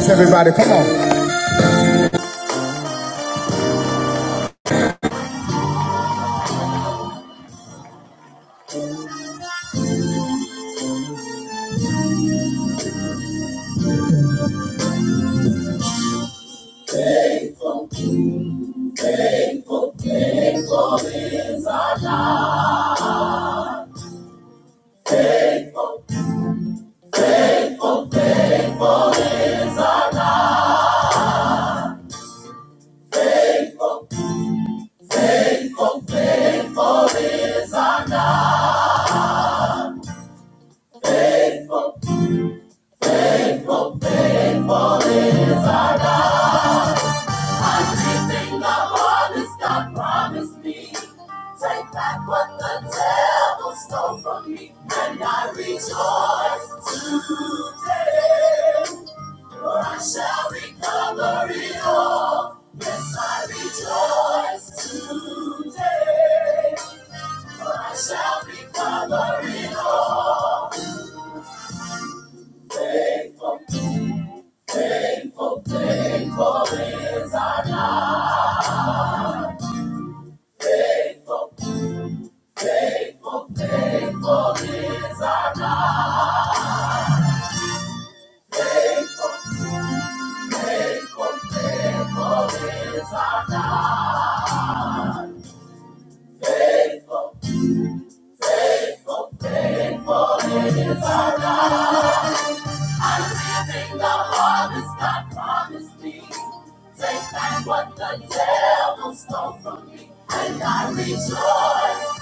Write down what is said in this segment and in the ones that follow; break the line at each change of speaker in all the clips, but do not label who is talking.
Yes, everybody, come on. Everything the harvest God promised me. Take back what the devil stole from me, and I rejoice today. For I shall recover it all. Yes, I rejoice today. For I shall recover it all. Faithful, faithful, faithful is our God. Faithful. Faithful, faithful Faithful, faithful Faithful, faithful, faithful. is is our our God. God. I'm living the harvest God promised me. Take back what the devil stole from me, and I rejoice.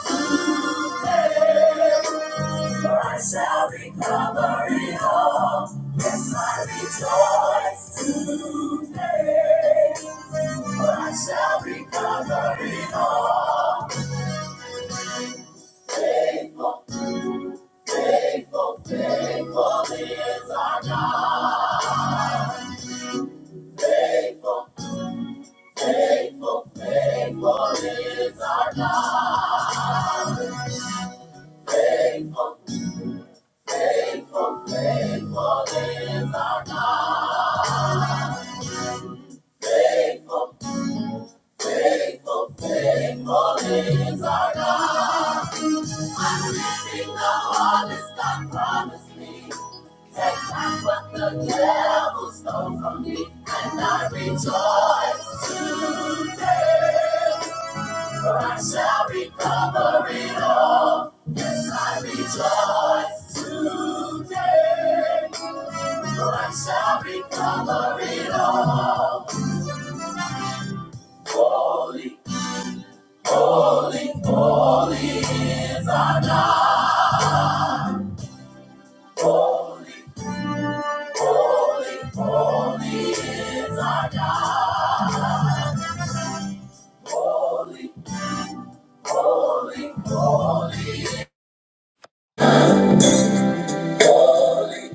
For I shall recover it all. Yes, I rejoice today. I shall recover it all. Faithful, faithful, faithful is our God. Faithful, faithful, faithful is our God. Faithful, faithful, faithful is our God. Faithful, faithful, faithful is our God. I'm Living the harvest God promised me. Take back what the devil stole from me, and I rejoice today. For I shall recover it all. Yes, I rejoice today. For I shall recover it all. Holy, holy, holy is our God. Holy. Holy, holy is our God. Holy, holy, holy. Holy,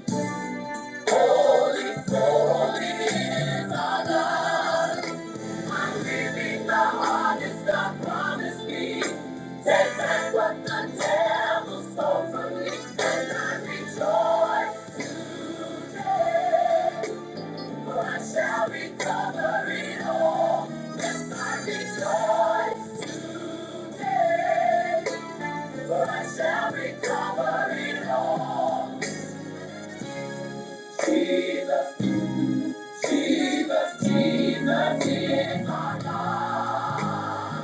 holy, holy is our God. I'm living the hardest God promised me. Take back what the devil stole from me, and I rejoice today. I shall recover it all. That's my rejoice today. I shall recover it all. Jesus, Jesus, Jesus is my God.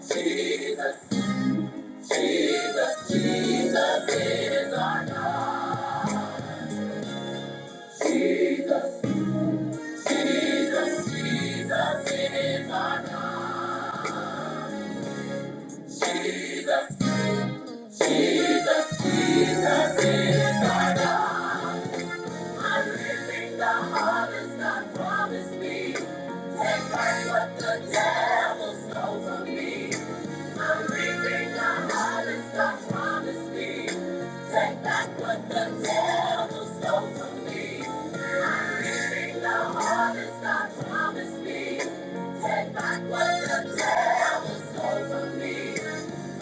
Jesus, Jesus, Jesus is our God. Jesus, Jesus, Jesus is our God. Jesus, Jesus, Jesus is our God. Everything the harvest God promised me. Take back what the devil stole from me. Everything I have is God's promise me. Take back what the devil stole from me. Everything I have is God's promise me. Take back what the devil stole from me.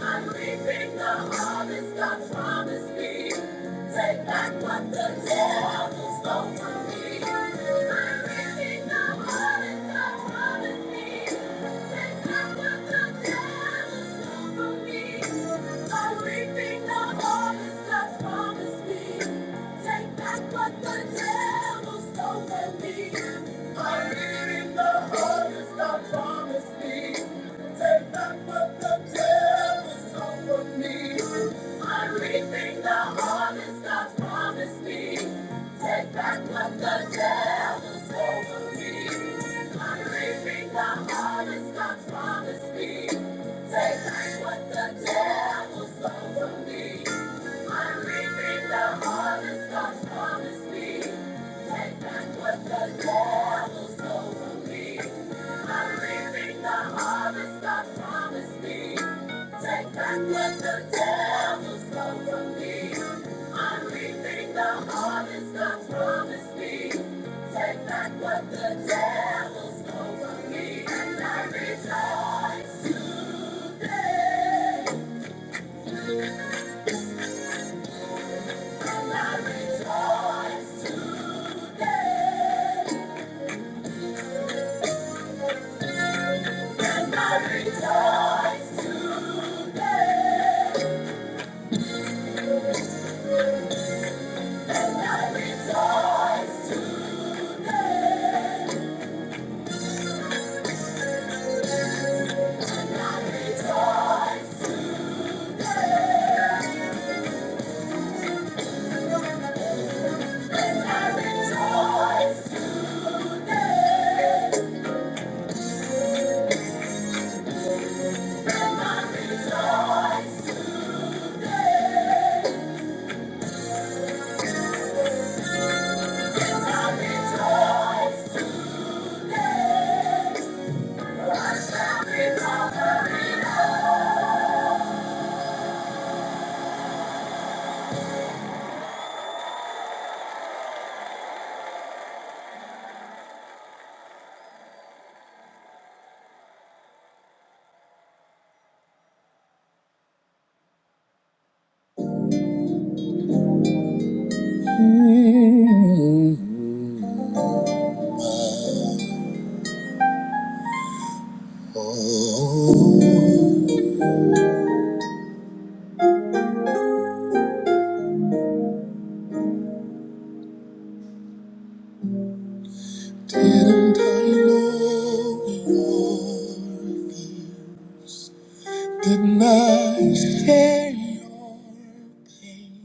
I'm reaping the harvest God promised me. Take back what the devil stole from me. Take back what the devil stole from me. I'm reading the harvest God promised me. Take back what the devil Devil devil stole stole from from me. me. me. me. me. me. the the the the the harvest harvest harvest God God God promised promised promised Take Take back back what what Take back what the devil stole from me. I'm reaping the harvest God promised me. Take back what the devil stole from me. I'm reaping the harvest God promised me. Take back what the devil stole from me. And I rejoice today. And I rejoice today. And I rejoice today. And I rejoice today. And I rejoice today. And I rejoice today. And I rejoice today. And I rejoice today. I shall recover it all. Didn't I know your are Didn't I share your pain?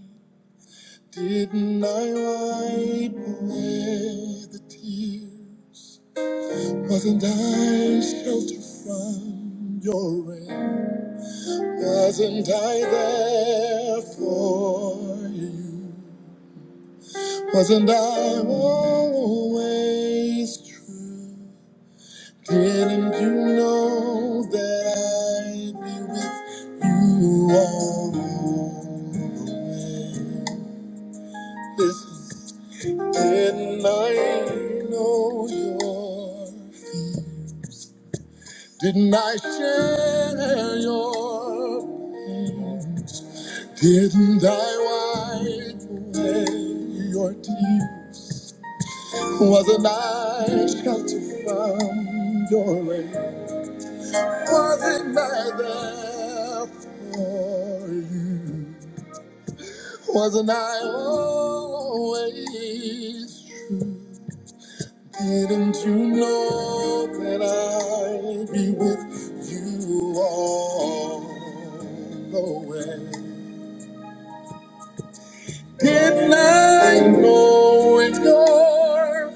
Didn't I wipe away the tears? Wasn't I shelter from your rain? Wasn't I there for you? Wasn't I always true? Didn't you know that I'd be with you all the way? Listen, didn't I know your fears? Didn't I share your pains? Didn't I wipe away your tears? Wasn't I shelter from your rays? Wasn't I there for you? Wasn't I always true? Didn't you know that I'd be with you all the way? Didn't I know it your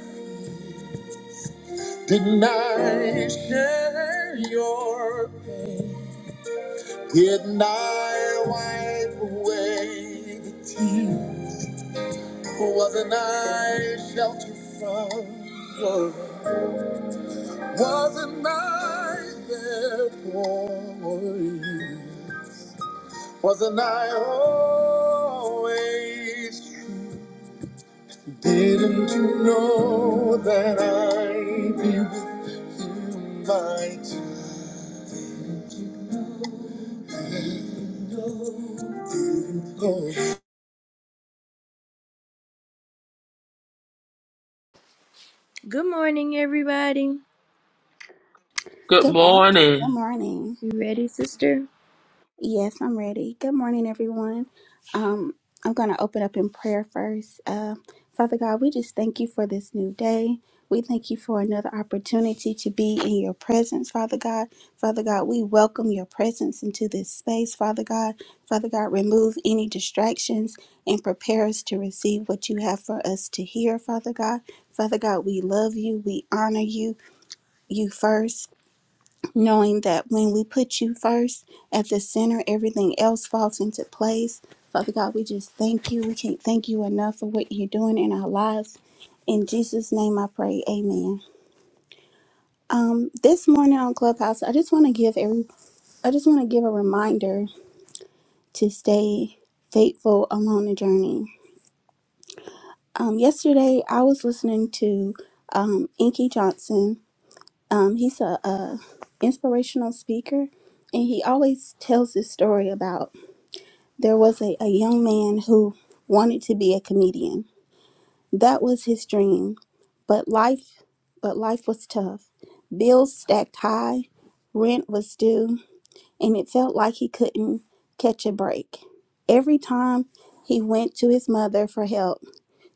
Didn't I share your pain? Didn't I wipe away the tears? Wasn't I sheltered from your love? Wasn't I there for you? Wasn't I always true? Didn't you know that I'd be with you, my Lord? Good morning, everybody.
Good
Good morning. Good
morning.
morning.
You ready, sister?
Yes, I'm ready. Good morning, everyone. Um, I'm going to open up in prayer first. Uh, Father God, we just thank you for this new day. We thank you for another opportunity to be in your presence, Father God. Father God, we welcome your presence into this space, Father God. Father God, remove any distractions and prepare us to receive what you have for us to hear, Father God. Father God, we love you. We honor you, you first knowing that when we put you first at the center, everything else falls into place. Father God, we just thank you. We can't thank you enough for what you're doing in our lives. In Jesus' name I pray. Amen. Um, this morning on Clubhouse, I just want to give every I just want to give a reminder to stay faithful along the journey. Um, yesterday I was listening to um Inky Johnson. Um, he's a, a inspirational speaker and he always tells this story about there was a, a young man who wanted to be a comedian. That was his dream. But life but life was tough. Bills stacked high, rent was due, and it felt like he couldn't catch a break. Every time he went to his mother for help,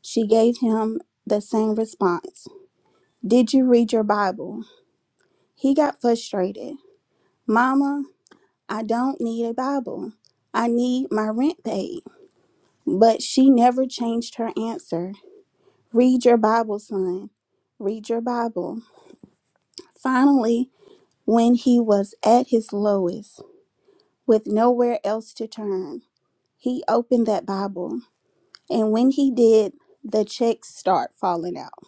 she gave him the same response. Did you read your Bible? He got frustrated. Mama, I don't need a Bible. I need my rent paid. But she never changed her answer. Read your Bible, son. Read your Bible. Finally, when he was at his lowest, with nowhere else to turn, he opened that Bible. And when he did, the checks start falling out.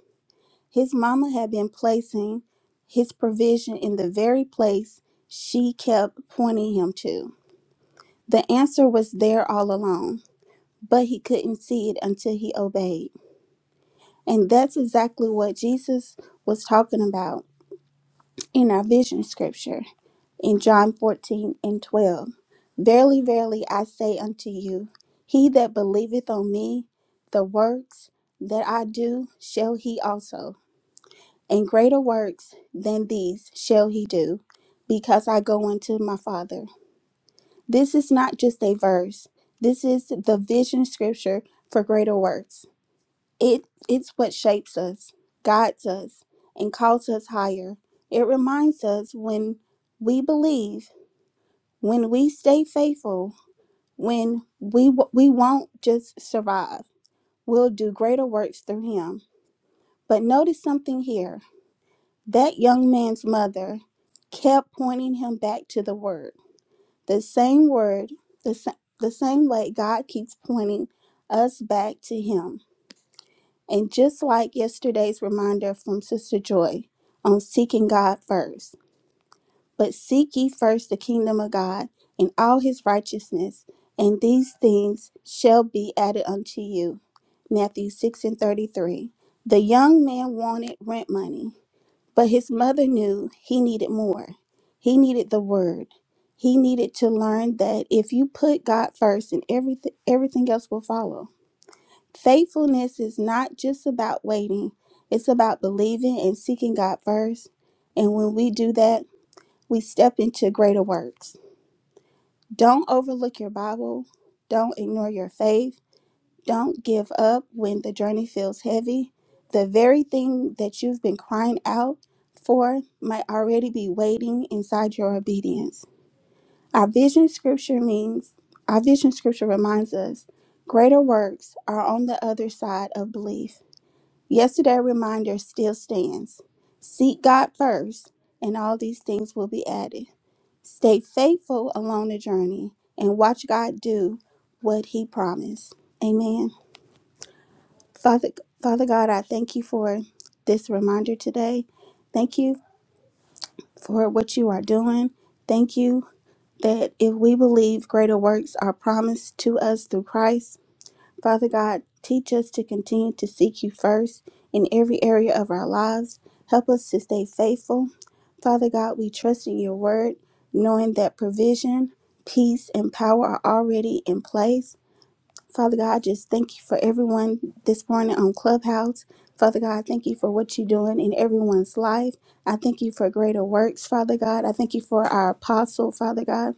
His mama had been placing his provision in the very place she kept pointing him to. The answer was there all along, but he couldn't see it until he obeyed. And that's exactly what Jesus was talking about in our vision scripture in John 14 and 12. Verily, verily, I say unto you, he that believeth on me, the works that I do shall he also, and greater works than these shall he do, because I go unto my Father. This is not just a verse, this is the vision scripture for greater works. It it's what shapes us, guides us, and calls us higher. It reminds us when we believe, when we stay faithful, when we w- we won't just survive. We'll do greater works through him. But notice something here. That young man's mother kept pointing him back to the word. The same word, the, sa- the same way God keeps pointing us back to him And just like yesterday's reminder from Sister Joy on seeking God first, but seek ye first the kingdom of God and all his righteousness, and these things shall be added unto you. Matthew 6 and 33. The young man wanted rent money, but his mother knew he needed more. He needed the word. He needed to learn that if you put God first and everything everything else will follow. Faithfulness is not just about waiting, it's about believing and seeking God first. And when we do that, we step into greater works. Don't overlook your Bible, don't ignore your faith, don't give up when the journey feels heavy. The very thing that you've been crying out for might already be waiting inside your obedience. Our vision scripture means, our vision scripture reminds us greater works are on the other side of belief. Yesterday reminder still stands. Seek God first, and all these things will be added. Stay faithful along the journey and watch God do what he promised. Amen. Father Father God, I thank you for this reminder today. Thank you for what you are doing. Thank you that if we believe greater works are promised to us through Christ, Father God, teach us to continue to seek you first in every area of our lives. Help us to stay faithful. Father God, we trust in your word, knowing that provision, peace, and power are already in place. Father God, I just thank you for everyone this morning on Clubhouse. Father God, I thank you for what you're doing in everyone's life. I thank you for greater works, Father God. I thank you for our apostle, Father God.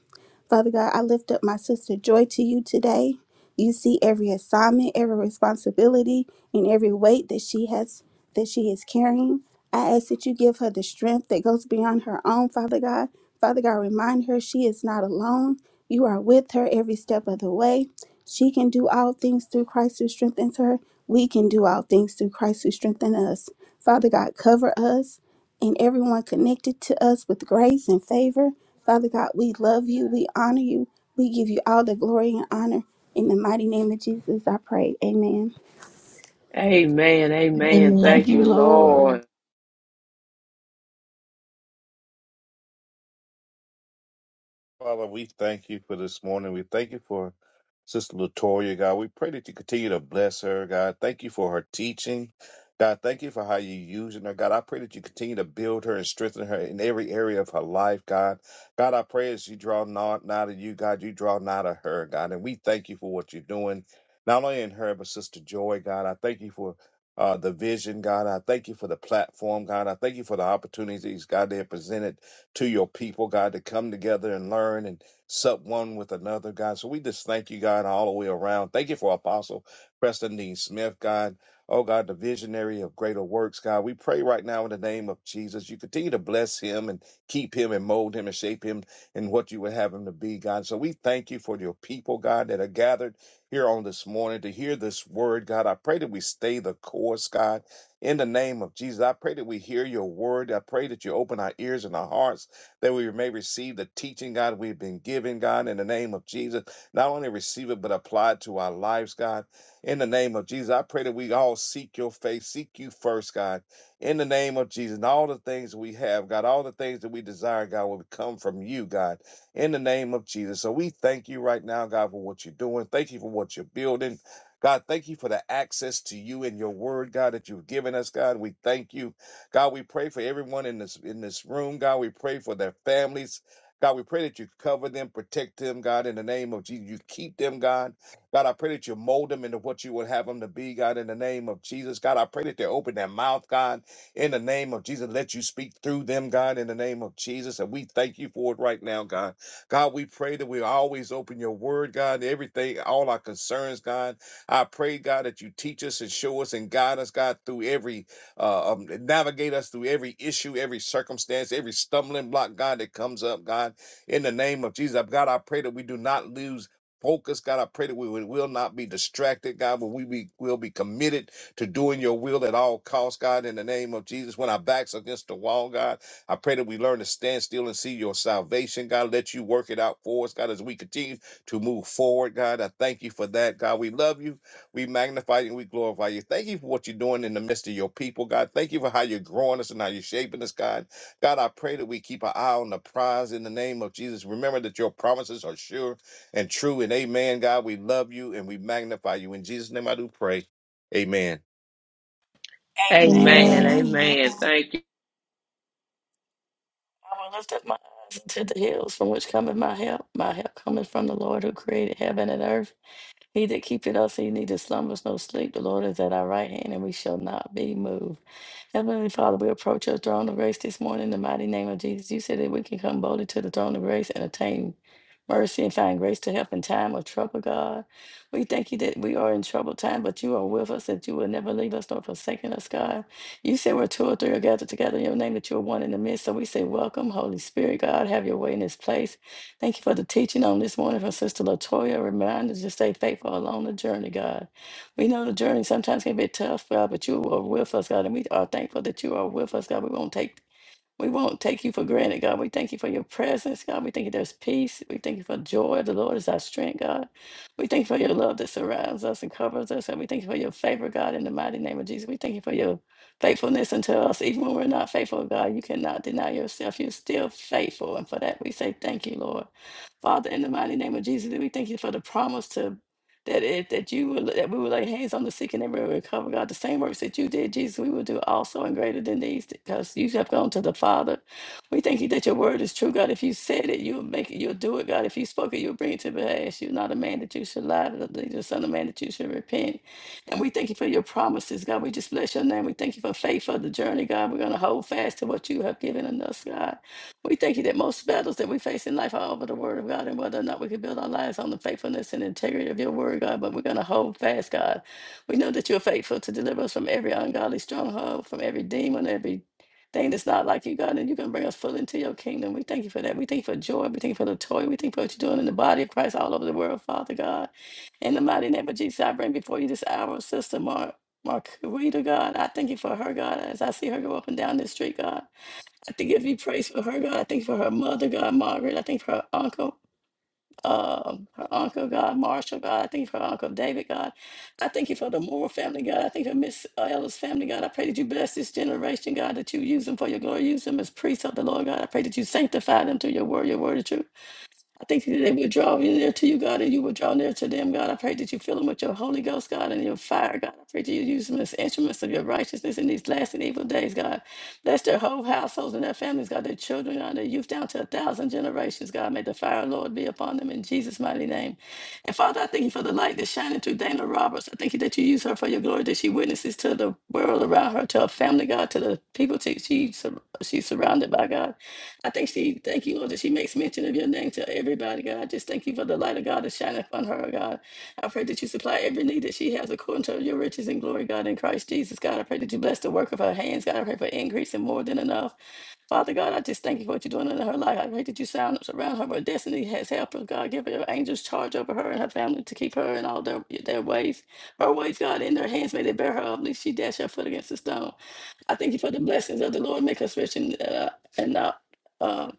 Father God, I lift up my sister Joy to you today. You see every assignment, every responsibility, and every weight that she has that she is carrying. I ask that you give her the strength that goes beyond her own, Father God. Father God, remind her she is not alone. You are with her every step of the way. She can do all things through Christ who strengthens her. We can do all things through Christ who strengthens us. Father God, cover us and everyone connected to us with grace and favor. Father God, we love you. We honor you. We give you all the glory and honor. In the mighty name of Jesus, I pray. Amen.
Amen.
Amen.
Amen.
Amen.
Amen.
Thank
Thank
you,
you,
Amen.
Lord.
Lord.
Father, we thank you for this morning. We thank you for Sister Latoya, God. We pray that you continue to bless her, God. Thank you for her teaching. God, thank you for how you're using her. God, I pray that you continue to build her and strengthen her in every area of her life, God. God, I pray as you draw nigh nigh to you, God, you draw nigh to her, God. And we thank you for what you're doing, not only in her, but Sister Joy, God. I thank you for uh, the vision, God. I thank you for the platform, God. I thank you for the opportunities, God, they have presented to your people, God, to come together and learn and sup one with another, God. So we just thank you, God, all the way around. Thank you for Apostle Preston Dean Smith, God. Oh, God, the visionary of greater works, God. We pray right now in the name of Jesus. You continue to bless him and keep him and mold him and shape him in what you would have him to be, God. So we thank you for your people, God, that are gathered here on this morning to hear this word, God. I pray that we stay the course, God. In the name of Jesus, I pray that we hear your word. I pray that you open our ears and our hearts, that we may receive the teaching, God, we've been given, God, in the name of Jesus. Not only receive it, but apply it to our lives, God. In the name of Jesus, I pray that we all seek your face, seek you first, God. In the name of Jesus, and all the things we have, God, all the things that we desire, God, will come from you, God. In the name of Jesus. So we thank you right now, God, for what you're doing. Thank you for what you're building. God, thank you for the access to you and your word, God, that you've given us, God. We thank you. God, we pray for everyone in this in this room. God, we pray for their families. God, we pray that you cover them, protect them, God, in the name of Jesus. You keep them, God. God, I pray that you mold them into what you would have them to be, God, in the name of Jesus. God, I pray that they open their mouth, God, in the name of Jesus. Let you speak through them, God, in the name of Jesus. And we thank you for it right now, God. God, we pray that we always open your word, God, everything, all our concerns, God. I pray, God, that you teach us and show us and guide us, God, through every, uh, um, navigate us through every issue, every circumstance, every stumbling block, God, that comes up, God, in the name of Jesus. God, I pray that we do not lose. Focus, God. I pray that we will will not be distracted, God, but we be, will be committed to doing your will at all costs, God, in the name of Jesus. When our backs against the wall, God, I pray that we learn to stand still and see your salvation, God. Let you work it out for us, God, as we continue to move forward, God. I thank you for that, God. We love you. We magnify you and we glorify you. Thank you for what you're doing in the midst of your people, God. Thank you for how you're growing us and how you're shaping us, God. God, I pray that we keep our eye on the prize in the name of Jesus. Remember that your promises are sure and true. And amen, God. We love you and we magnify you. In Jesus' name I do pray. Amen.
Amen.
Amen.
Amen.
Amen.
Amen.
Amen. Thank you.
I will lift up my eyes unto the hills from which cometh my help. My help cometh from the Lord who created heaven and earth. He that keepeth us, he neither slumbers nor sleep. The Lord is at our right hand, and we shall not be moved. Heavenly Father, we approach your throne of grace this morning in the mighty name of Jesus. You said that we can come boldly to the throne of grace and attain mercy and find grace to help in time of trouble, God. We thank you that we are in troubled time, but you are with us, that you will never leave us nor forsaken us, God. You said where two or three are gathered together in your name, that you are one in the midst. So we say, Welcome, Holy Spirit, God. Have your way in this place. Thank you for the teaching on this morning from Sister Latoya. Remind us to stay faithful along the journey, God. We know the journey sometimes can be tough, God, but you are with us, God, and we are thankful that you are with us, God. We won't take we won't take you for granted, God. We thank you for your presence, God. We thank you there's peace. We thank you for joy. The Lord is our strength, God. We thank you for your love that surrounds us and covers us. And we thank you for your favor, God, in the mighty name of Jesus. We thank you for your faithfulness unto us. Even when we're not faithful, God, you cannot deny yourself. You're still faithful. And for that, we say thank you, Lord. Father, in the mighty name of Jesus, we thank you for the promise to that if that you would that we would lay hands on the sick and they will recover, God. The same works that you did, Jesus, we will do also and greater than these, because you have gone to the Father. We thank you that your word is true, God. If you said it, you'll make it, you'll do it, God. If you spoke it, you'll bring it to pass. You're not a man that you should lie, nor the son of man that you should repent. And we thank you for your promises, God. We just bless your name. We thank you for faith for the journey, God. We're gonna hold fast to what you have given us, God. We thank you that most battles that we face in life are over the word of God and whether or not we can build our lives on the faithfulness and integrity of your word, God, but we're going to hold fast, God. We know that you're faithful to deliver us from every ungodly stronghold, from every demon, every thing that's not like you, God, and you can bring us fully into your kingdom. We thank you for that. We thank you for joy. We thank you for the toy. We thank you for what you're doing in the body of Christ all over the world, Father God. In the mighty name of Jesus, I bring before you this hour, Sister Mark. Marquita, God, I thank you for her, God, as I see her go up and down this street, God. I think if you praise for her, God, I think for her mother, God, Margaret, I think for her uncle, um, her uncle, God, Marshall, God, I think for her uncle David, God. I thank you for the Moore family, God. I think for Miss uh, Ella's family, God. I pray that you bless this generation, God, that you use them for your glory. Use them as priests of the Lord, God. I pray that you sanctify them through your word, your word of truth. I think that they will draw you near to you, God, and you will draw near to them, God. I pray that you fill them with your Holy Ghost, God, and your fire, God. I pray that you use them as instruments of your righteousness in these last and evil days, God. Bless their whole households and their families, God, their children, God, their youth down to a thousand generations, God. May the fire, of the Lord, be upon them in Jesus' mighty name. And Father, I thank you for the light that's shining through Dana Roberts. I thank you that you use her for your glory, that she witnesses to the world around her, to her family, God, to the people she, she, sur- she's surrounded by, God. I think she, thank you, Lord, that she makes mention of your name to everybody, God. Just thank you for the light of God that shine upon her, God. I pray that you supply every need that she has according to your riches and glory, God, in Christ Jesus, God. I pray that you bless the work of her hands, God. I pray for increase and more than enough. Father God, I just thank you for what you're doing in her life. I pray that you sound surround her with her destiny has helped her. God, give your angels charge over her and her family to keep her in all their, their ways. Her ways, God, in their hands, may they bear her up, lest she dash her foot against the stone. I thank you for the blessings of the Lord. Make us rich and, uh, and not. uh,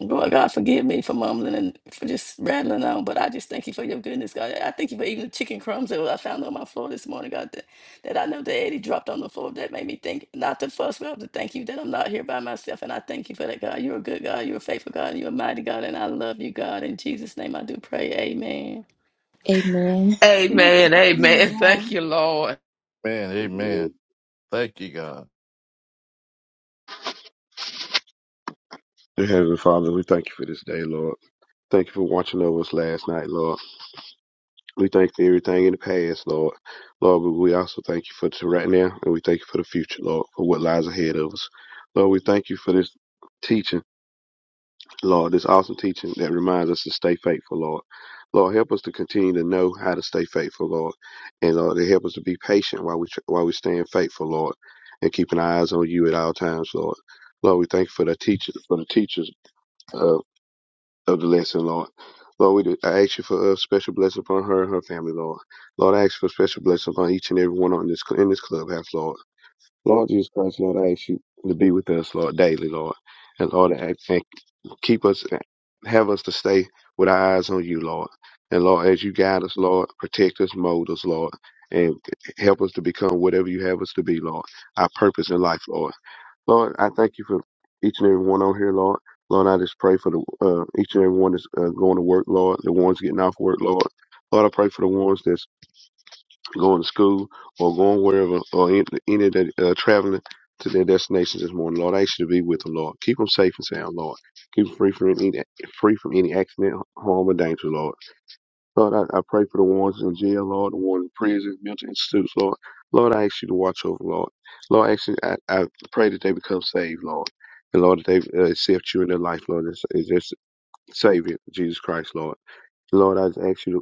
Lord God, forgive me for mumbling and for just rattling on, but I just thank you for your goodness, God. I thank you for even the chicken crumbs that I found on my floor this morning, God, that, that I know that Eddie dropped on the floor. That made me think, not to fuss, but to thank you that I'm not here by myself. And I thank you for that, God. You're a good God. You're a faithful God. And you're a mighty God. And I love you, God. In Jesus' name, I do pray. Amen.
Amen.
Amen.
Amen. Amen. Thank
Amen.
you, Lord.
Man, amen. Thank you, God.
Dear Heavenly Father, we thank you for this day, Lord. Thank you for watching over us last night, Lord. We thank you for everything in the past, Lord. Lord, but we also thank you for to right now, and we thank you for the future, Lord, for what lies ahead of us. Lord, we thank you for this teaching, Lord, this awesome teaching that reminds us to stay faithful, Lord. Lord, help us to continue to know how to stay faithful, Lord, and Lord, to help us to be patient while we tr- while we staying faithful, Lord, and keeping our eyes on you at all times, Lord. Lord, we thank you for the teachers, for the teachers. uh, Elder Lexi, Lord. Lord, we do, I ask you for a special blessing upon her and her family, Lord. Lord, I ask for a special blessing upon each and every one on this in this clubhouse, Lord. Lord Jesus Christ, Lord, I ask you to be with us, Lord, daily, Lord. And Lord, I, and keep us, have us to stay with our eyes on you, Lord. And Lord, as you guide us, Lord, protect us, mold us, Lord, and help us to become whatever you have us to be, Lord. Our purpose in life, Lord. Lord, I thank you for each and every one on here, Lord. Lord, I just pray for the uh, each and every one that's uh, going to work, Lord. The ones getting off work, Lord. Lord, I pray for the ones that's going to school or going wherever or in, any that uh, traveling to their destinations this morning. Lord, I ask you to be with them, Lord. Keep them safe and sound, Lord. Keep them free from any free from any accident, harm, or danger, Lord. Lord, I, I pray for the ones in jail, Lord, the ones in prisons, mental institutes, Lord. Lord, I ask you to watch over, Lord. Lord, I, ask you, I, I pray that they become saved, Lord. And Lord, that they uh, accept you in their life, Lord, as, as their Savior, Jesus Christ, Lord. Lord, I just ask you to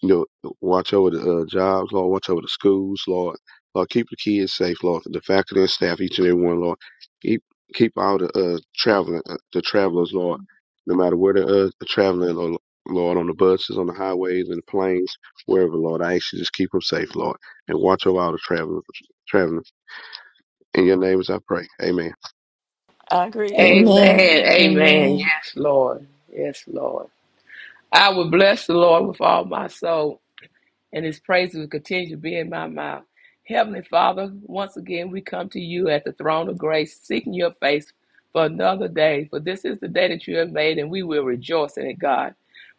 you know, watch over the uh, jobs, Lord. Watch over the schools, Lord. Lord, keep the kids safe, Lord. The faculty and staff, each and every one, Lord. Keep keep all the uh, traveling, uh, the travelers, Lord. No matter where they're uh, traveling, Lord, Lord, on the buses, on the highways, and the planes, wherever, Lord. I ask you just keep them safe, Lord, and watch over all the travelers. Traveling in your name, as I pray. Amen.
I agree.
Amen.
Amen.
Amen.
Amen.
Amen.
Yes, Lord. Yes, Lord. I will bless the Lord with all my soul. and his praise will continue to be in my mouth. Heavenly Father, once again, we come to you at the throne of grace, seeking your face for another day. For this is the day that you have made, and we will rejoice in it, God.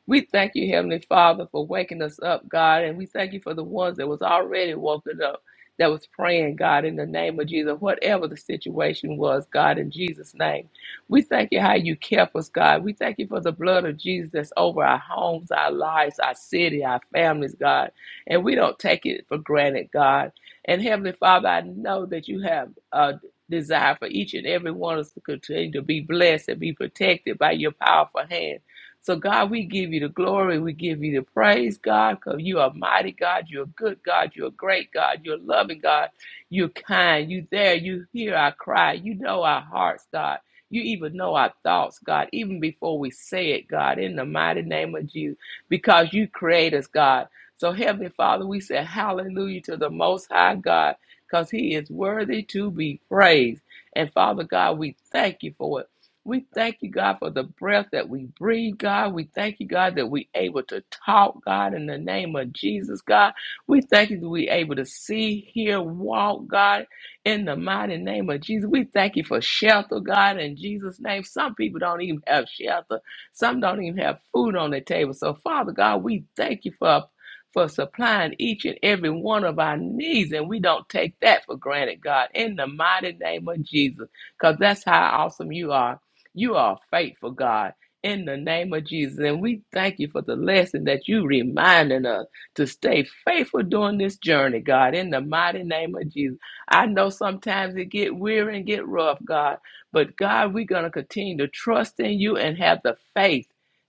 We thank you, Heavenly Father, for waking us up, God, and we thank you for the ones that was already woken up, that was praying, God, in the name of Jesus, whatever the situation was, God, in Jesus' name. We thank you how you kept us, God. We thank you for the blood of Jesus that's over our homes, our lives, our city, our families, God and we don't take it for granted, God. And Heavenly Father, I know that you have a desire for each and every one of us to continue to be blessed and be protected by your powerful hand. So, God, we give you the glory. We give you the praise, God, because you are mighty God. You're a good God. You're a great God. You're a loving God. You're kind. You there. You hear our cry. You know our hearts, God. You even know our thoughts, God, even before we say it, God, in the mighty name of Jesus, because you create us, God. So, Heavenly Father, we say hallelujah to the Most High God because He is worthy to be praised. And Father God, we thank you for it. We thank you, God, for the breath that we breathe, God. We thank you, God, that we able to talk, God, in the name of Jesus, God. We thank you that we able to see, hear, walk, God, in the mighty name of Jesus. We thank you for shelter, God, in Jesus' name. Some people don't even have shelter. Some don't even have food on their table. So, Father God, we thank you for a for supplying each and every one of our needs. And we don't take that for granted, God, in the mighty name of Jesus, because that's how awesome you are. You are faithful, God, in the name of Jesus. And we thank you for the lesson that you reminding us to stay faithful during this journey, God, in the mighty name of Jesus. I know sometimes it get weary and get rough, God, but God, we're going to continue to trust in you and have the faith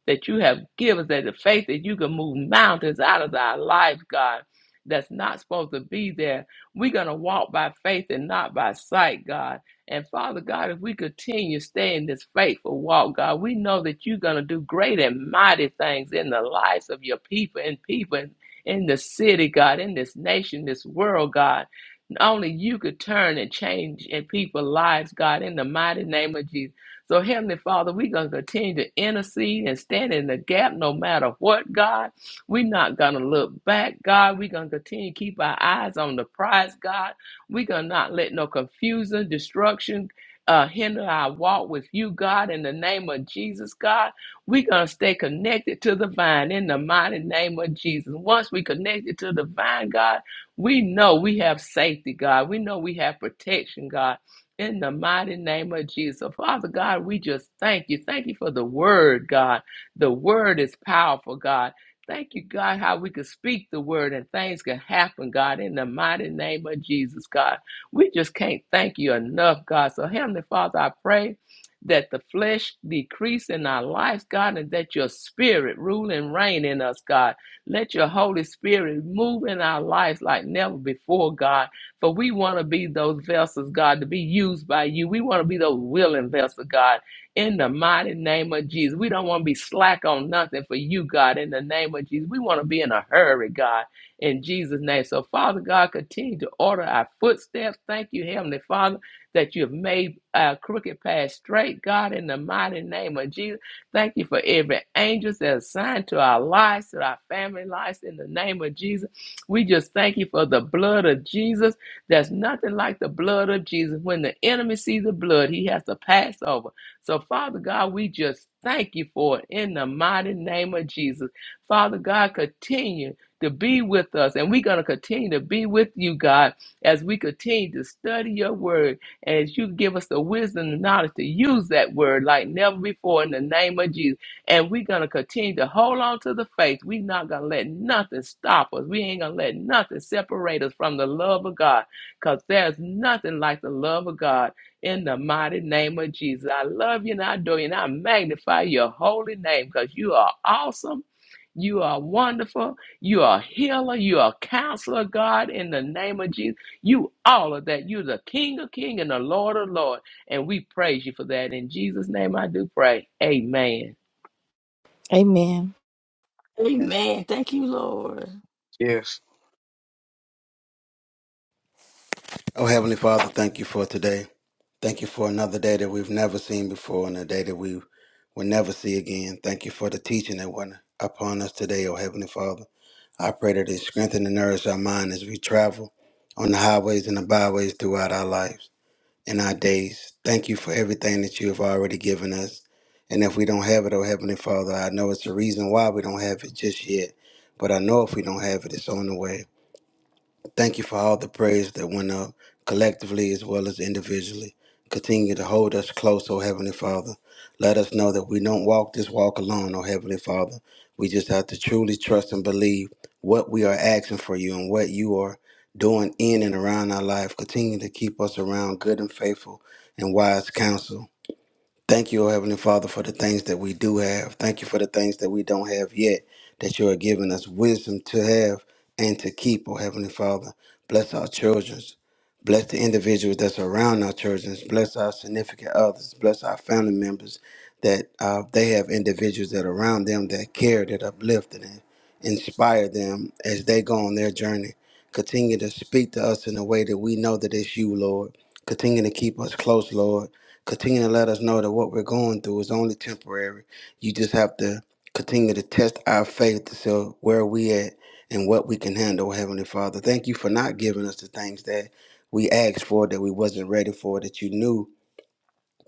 that you have given us, that the faith that you can move mountains out of our life, God, that's not supposed to be there. We're going to walk by faith and not by sight, God. And Father God, if we continue staying this faithful walk, God, we know that you're going to do great and mighty things in the lives of your people and people in in the city, God, in this nation, this world, God. Only you could turn and change in people's lives, God, in the mighty name of Jesus. So, Heavenly Father, we're going to continue to intercede and stand in the gap no matter what, God. We're not going to look back, God. We're going to continue to keep our eyes on the prize, God. We're going to not let no confusion, destruction, uh, hinder our walk with you, God, in the name of Jesus, God. We're going to stay connected to the vine in the mighty name of Jesus. Once we connected to the vine, God, we know we have safety, God. We know we have protection, God. In the mighty name of Jesus. Father God, we just thank you. Thank you for the word, God. The word is powerful, God. Thank you, God, how we can speak the word and things can happen, God, in the mighty name of Jesus, God. We just can't thank you enough, God. So, Heavenly Father, I pray that the flesh decrease in our lives, God, and that your spirit rule and reign in us, God. Let your Holy Spirit move in our lives like never before, God but we want to be those vessels, God, to be used by you. We want to be those willing vessels, God, in the mighty name of Jesus. We don't want to be slack on nothing for you, God, in the name of Jesus. We want to be in a hurry, God, in Jesus' name. So, Father God, continue to order our footsteps. Thank you, Heavenly Father, that you have made our crooked path straight, God, in the mighty name of Jesus. Thank you for every angel that's assigned to our lives, to our family lives, in the name of Jesus. We just thank you for the blood of Jesus there's nothing like the blood of Jesus. When the enemy sees the blood, he has to pass over. So, Father God, we just thank you for it in the mighty name of Jesus. Father God, continue to be with us, and we're going to continue to be with you, God, as we continue to study your word, and as you give us the wisdom and knowledge to use that word like never before in the name of Jesus. And we're going to continue to hold on to the faith. We're not going to let nothing stop us. We ain't going to let nothing separate us from the love of God because there's nothing like the love of God in the mighty name of Jesus. I love you and I adore you and I magnify your holy name because you are awesome. You are wonderful. You are a healer. You are a counselor, God, in the name of Jesus. You all of that. You're the King of King and the Lord of Lord. And we praise you for that. In Jesus' name I do pray. Amen.
Amen.
Amen. Thank you, Lord.
Yeah, in
Oh, Heavenly Father, thank you for today. Thank you for another day that we've never seen before and a day that we will never see again. Thank you for the teaching that went upon us today, oh Heavenly Father. I pray that it strengthen and nourish our mind as we travel on the highways and the byways throughout our lives and our days. Thank you for everything that you have already given us. And if we don't have it, oh Heavenly Father, I know it's a reason why we don't have it just yet. But I know if we don't have it, it's on the way. Thank you for all the praise that went up collectively as well as individually. Continue to hold us close, oh Heavenly Father. Let us know that we don't walk this walk alone, oh Heavenly Father. We just have to truly trust and believe what we are asking for you and what you are doing in and around our life. Continue to keep us around good and faithful and wise counsel. Thank you, O Heavenly Father, for the things that we do have. Thank you for the things that we don't have yet, that you are giving us wisdom to have and to keep, O Heavenly Father. Bless our children. Bless the individuals that's around our children. Bless our significant others. Bless our family members that uh, they have individuals that are around them that care, that uplift, and inspire them as they go on their journey. Continue to speak to us in a way that we know that it's you, Lord. Continue to keep us close, Lord continue to let us know that what we're going through is only temporary. You just have to continue to test our faith to see where we at and what we can handle, Heavenly Father. Thank you for not giving us the things that we asked for, that we wasn't ready for, that you knew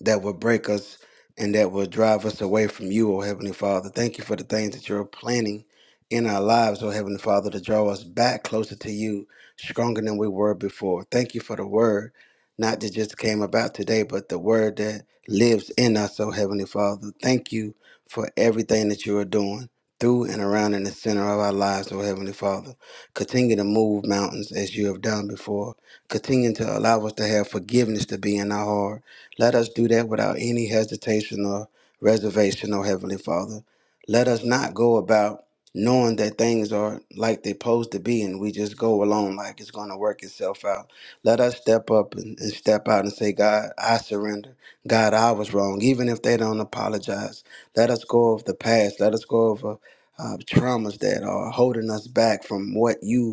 that will break us and that will drive us away from you, O Heavenly Father. Thank you for the things that you're planning in our lives, O Heavenly Father, to draw us back closer to you, stronger than we were before. Thank you for the word, not that just came about today, but the word that lives in us, O Heavenly Father. Thank you for everything that you are doing. Through and around in the center of our lives, O Heavenly Father. Continue to move mountains as you have done before. Continue to allow us to have forgiveness to be in our heart let us do that without any hesitation or reservation, O Heavenly Father. Let us not go about knowing that things are like they're supposed to be and we just go along like it's going to work itself out. Let us step up and, and step out and say, God, I surrender. God, I was wrong, even if they don't apologize. Let us go of the past. Let us go over uh, traumas that are holding us back from what you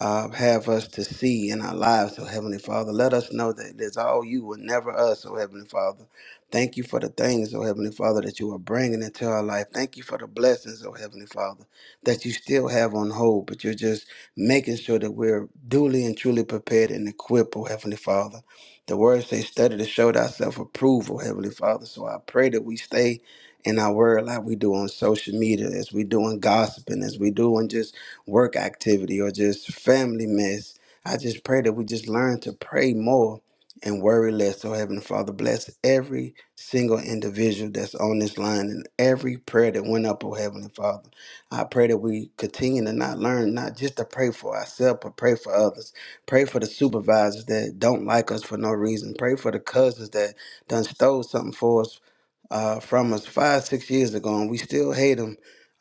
uh, have us to see in our lives, oh Heavenly Father. Let us know that it is all you and never us, oh Heavenly Father. Thank you for the things, oh Heavenly Father, that you are bringing into our life. Thank you for the blessings, oh Heavenly Father, that you still have on hold, but you're just making sure that we're duly and truly prepared and equipped, oh Heavenly Father. The word says, study to show thyself approved, oh Heavenly Father. So I pray that we stay in our word like we do on social media, as we do in gossiping, as we do in just work activity or just family mess. I just pray that we just learn to pray more and worry less. So, Heavenly Father, bless every single individual that's on this line and every prayer that went up, oh Heavenly Father. I pray that we continue to not learn, not just to pray for ourselves, but pray for others. Pray for the supervisors that don't like us for no reason. Pray for the cousins that done stole something for us uh, from us five, six years ago, and we still hate them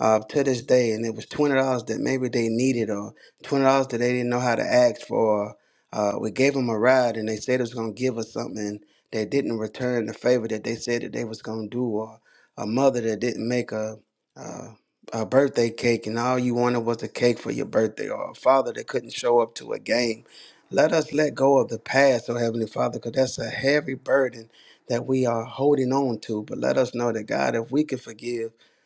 uh, to this day, and it was twenty dollars that maybe they needed or twenty dollars that they didn't know how to ask for. Uh, we gave them a ride, and they said it was gonna give us something. They didn't return the favor that they said that they was gonna do, or a mother that didn't make a uh, a birthday cake, and all you wanted was a cake for your birthday, or a father that couldn't show up to a game. Let us let go of the past, oh Heavenly Father, because that's a heavy burden that we are holding on to. But let us know that God, if we can forgive.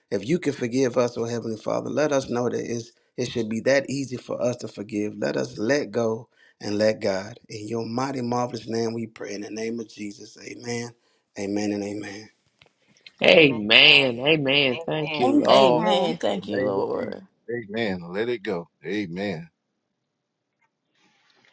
If you can forgive us, oh Heavenly Father, let us know that it's, it should be that easy for us to forgive. Let us let go and let God. In your mighty, marvelous name we pray. In the name of Jesus, amen, amen, and amen.
Amen.
Amen. Amen. Thank
Amen.
you, Lord.
Amen.
amen.
Thank
the
you,
name of Jesus.
Lord.
Amen. Let it go. Amen.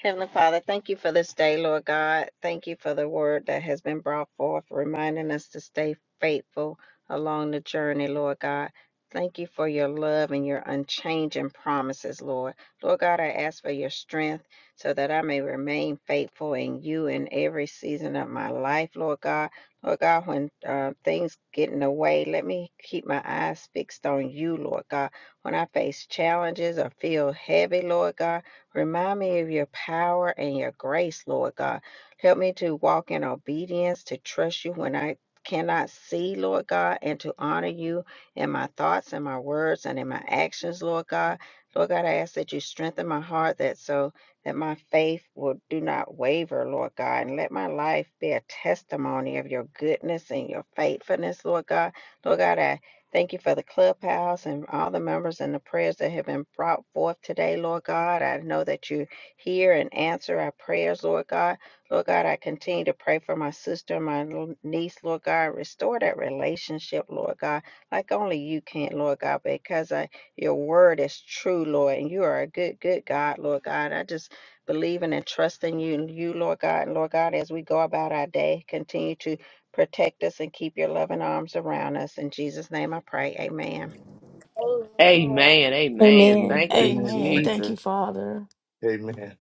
Heavenly Father, thank you for this day, Lord God. Thank you for the word that has been brought forth, reminding us to stay faithful along the journey, Lord God. Thank you for your love and your unchanging promises, Lord. Lord God, I ask for your strength so that I may remain faithful in you in every season of my life, Lord God. Lord God, when uh, things get in the way, let me keep my eyes fixed on you, Lord God. When I face challenges or feel heavy, Lord God, Remind me of your power and your grace, Lord God. Help me to walk in obedience, to trust you when I cannot see, Lord God, and to honor you in my thoughts and my words and in my actions, Lord God. Lord God, I ask that you strengthen my heart that so that my faith will do not waver, Lord God, and let my life be a testimony of your goodness and your faithfulness, Lord God. Lord God, I Thank you for the clubhouse and all the members and the prayers that have been brought forth today, Lord God. I know that you hear and answer our prayers, Lord God. Lord God, I continue to pray for my sister, and my little niece, Lord God. Restore that relationship, Lord God, like only you can, Lord God, because I, your word is true, Lord, and you are a good, good God, Lord God. I just believing and trusting you, you, Lord God, and Lord God, as we go about our day, continue to Protect us and keep your loving arms around us. In Jesus' name I pray. Amen.
Amen. Amen.
Amen.
Amen.
Thank you,
Amen. Thank
Jesus.
you, Father.
Amen.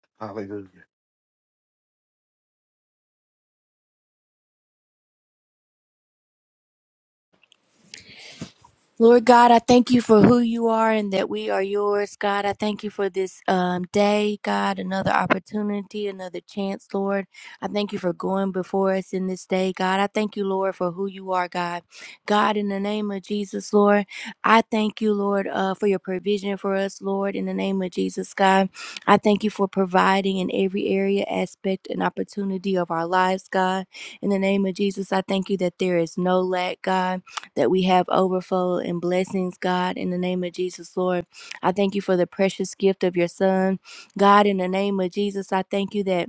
Lord God, I thank you for who you are and that we are yours. God, I thank you for this um, day, God, another opportunity, another chance, Lord. I thank you for going before us in this day, God. I thank you, Lord, for who you are, God. God, in the name of Jesus, Lord, I thank you, Lord, uh, for your provision for us, Lord, in the name of Jesus, God. I thank you for providing in every area, aspect, and opportunity of our lives, God. In the name of Jesus, I thank you that there is no lack, God that we have overflow and blessings, God, in the name of Jesus, Lord. I thank you for the precious gift of your Son. God, in the name of Jesus, I thank you that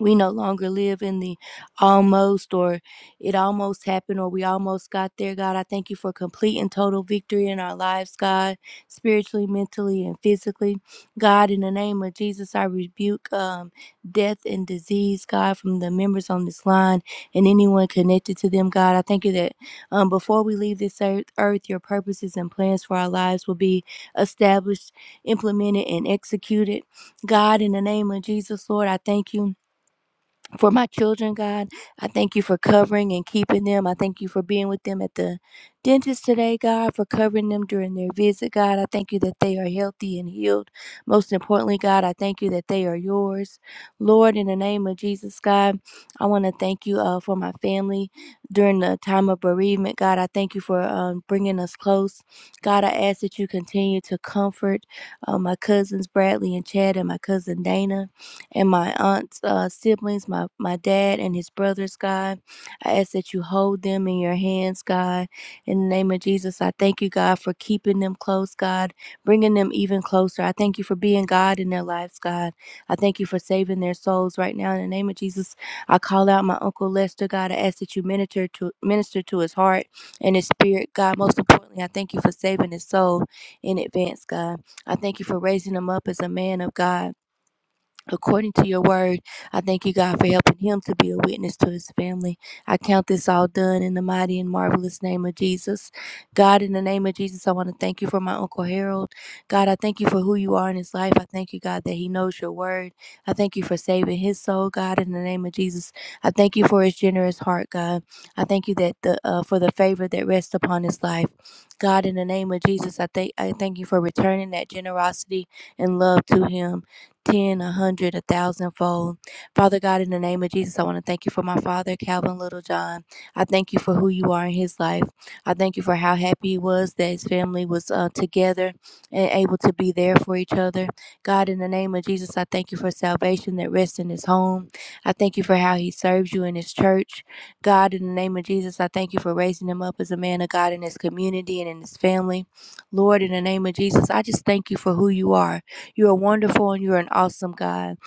we no longer live in the almost or it almost happened or we almost got there, God. I thank you for complete and total victory in our lives, God, spiritually, mentally, and physically. God, in the name of Jesus, I rebuke um, death and disease, God, from the members on this line and anyone connected to them, God. I thank you that um, before we leave this earth, earth, your purposes and plans for our lives will be established, implemented, and executed. God, in the name of Jesus, Lord, I thank you for my children, God. I thank you for covering and keeping them. I thank you for being with them at the dentist today, God, for covering them during their visit, God. I thank you that they are healthy and healed. Most importantly, God, I thank you that they are yours. Lord, in the name of Jesus, God, I want to thank you uh, for my family during the time of bereavement, God. I thank you for um, bringing us close. God, I ask that you continue to comfort uh, my cousins, Bradley and Chad, and my cousin Dana and my aunt's uh, siblings, my, my dad and his brothers, God. I ask that you hold them in your hands, God. In the name of Jesus, I thank you, God, for keeping them close, God, bringing them even closer. I thank you for being God in their lives, God. I thank you for saving their souls right now. In the name of Jesus, I call out my Uncle Lester, God. I ask that you minister to minister to his heart and his spirit, God. Most importantly, I thank you for saving his soul in advance, God. I thank you for raising him up as a man of God according to your word. I thank you, God, for helping him to be a witness to his family. I count this all done in the mighty and marvelous name of Jesus. God, in the name of Jesus, I want to thank you for my Uncle Harold. God, I thank you for who you are in his life. I thank you, God, that he knows your word. I thank you for saving his soul, God, in the name of Jesus. I thank you for his generous heart, God. I thank you that the uh, for the favor that rests upon his life. God, in the name of Jesus, I thank I thank you for returning that generosity and love to him. 10, a 100, a thousandfold. Father God, in the name of Jesus, I want to thank you for my father, Calvin Littlejohn. I thank you for who you are in his life. I thank you for how happy he was that his family was uh, together and able to be there for each other. God, in the name of Jesus, I thank you for salvation that rests in his home. I thank you for how he serves you in his church. God, in the name of Jesus, I thank you for raising him up as a man of God in his community and in his family. Lord, in the name of Jesus, I just thank you for who you are. You are wonderful and you are an awesome God.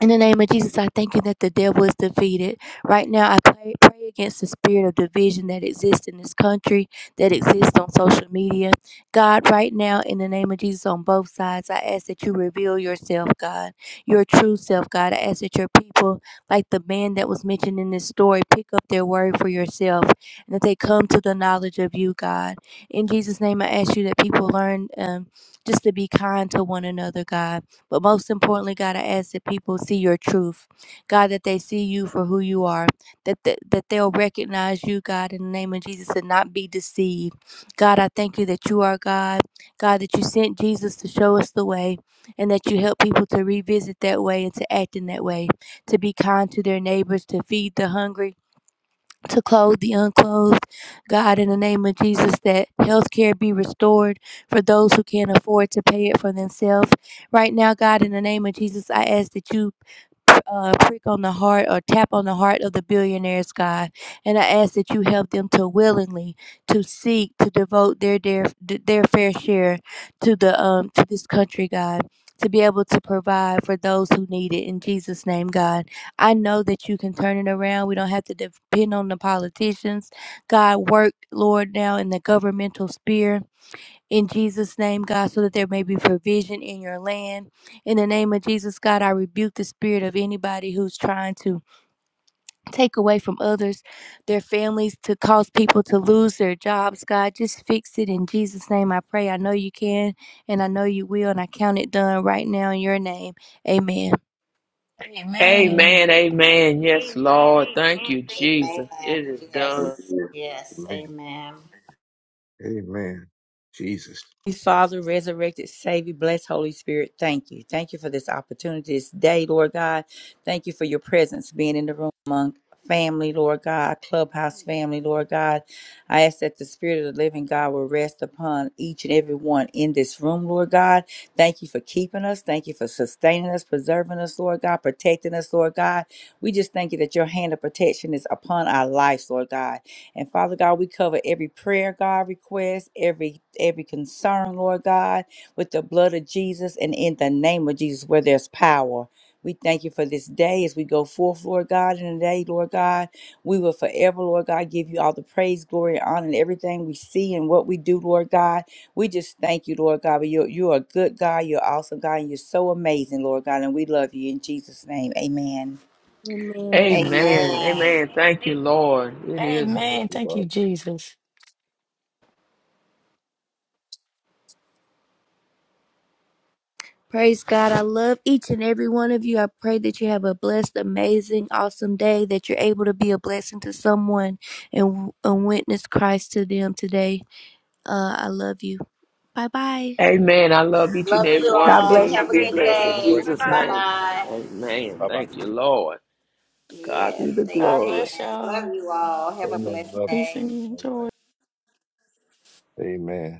In the name of Jesus, I thank you that the devil is defeated. Right now, I pray, pray against the spirit of division that exists in this country, that exists on social media. God, right now, in the name of Jesus, on both sides, I ask that you reveal yourself, God, your true self, God. I ask that your people, like the man that was mentioned in this story, pick up their word for yourself and that they come to the knowledge of you, God. In Jesus' name, I ask you that people learn um, just to be kind to one another, God but most importantly, God, I ask that people see your truth. God, that they see you for who you are, that, th- that they'll recognize you, God, in the name of Jesus and not be deceived. God, I thank you that you are God. God, that you sent Jesus to show us the way and that you help people to revisit that way and to act in that way, to be kind to their neighbors, to feed the hungry, to clothe the unclothed. God, in the name of Jesus, that health care be restored for those who can't afford to pay it for themselves. Right now, God, in the name of Jesus, I ask that you. Uh, prick on the heart or tap on the heart of the billionaires, God, and I ask that you help them to willingly to seek to devote their their their fair share to the um to this country, God, to be able to provide for those who need it. In Jesus' name, God. I know that you can turn it around. We don't have to depend on the politicians. God, work, Lord, now in the governmental sphere. In Jesus' name, God, so that there may be provision in your land. In the name of Jesus, God, I rebuke the spirit of anybody who's trying to take away from others, their families, to cause people to lose their jobs. God, just fix it in Jesus' name. I pray. I know you can, and I know you will, and I count it done right now in your name. Amen.
Amen.
Amen. Amen. Yes, Lord. Thank you,
Amen.
Jesus. It is done.
Yes.
Amen.
Yes.
Amen.
Amen.
Amen. Jesus.
Father, resurrected Savior, blessed Holy Spirit, thank you. Thank you for this opportunity this day, Lord God. Thank you for your presence being in the room among family, Lord God, clubhouse family, Lord God. I ask that the Spirit of the living God will rest upon each and every one in this room, Lord God. Thank you for keeping us. Thank you for sustaining us, preserving us, Lord God, protecting us, Lord God. We just thank you that your hand of protection is upon our lives, Lord God. And Father God, we cover every prayer, God, request, every every concern, Lord God, with the blood of Jesus and in the name of Jesus where there's power. We thank you for this day as we go forth, Lord God, in the day, Lord God. We will forever, Lord God, give you all the praise, glory, and honor, and everything we see and what we do, Lord God. We just thank you, Lord God. But you're, you're a good God, you're awesome God, and you're so amazing, Lord God, and we love you in Jesus' name. Amen.
Amen.
Amen.
Amen.
Amen. Thank you, Lord. It is.
Thank
Amen.
you,
Thank
Father.
you, Jesus.
Praise God. I love each and every one of you. I pray that you have a blessed, amazing, awesome day, that you're able to be a blessing to someone and, and witness Christ to them today. Uh, I love you. Bye bye.
Amen. I love each and
Love
I
every
love
you
one.
God
Love
y'all too.
bless.
all.
y'all.
you.
Continue to
Have
Have
a
a
be
Love
great
good
you.
blessed
Have
in
a
day.
day.
great
Bye
Jesus'
one. Love
Bye
you.
bye.
name.
bye.
Amen.
Bye bye.
Thank you, Lord. To God
Yes.
be the
God
glory.
Amen.
bless y'all.
Love you all. Have a
Amen.
blessed
Love you.
day.
Peace and
All
joy.
right. Amen.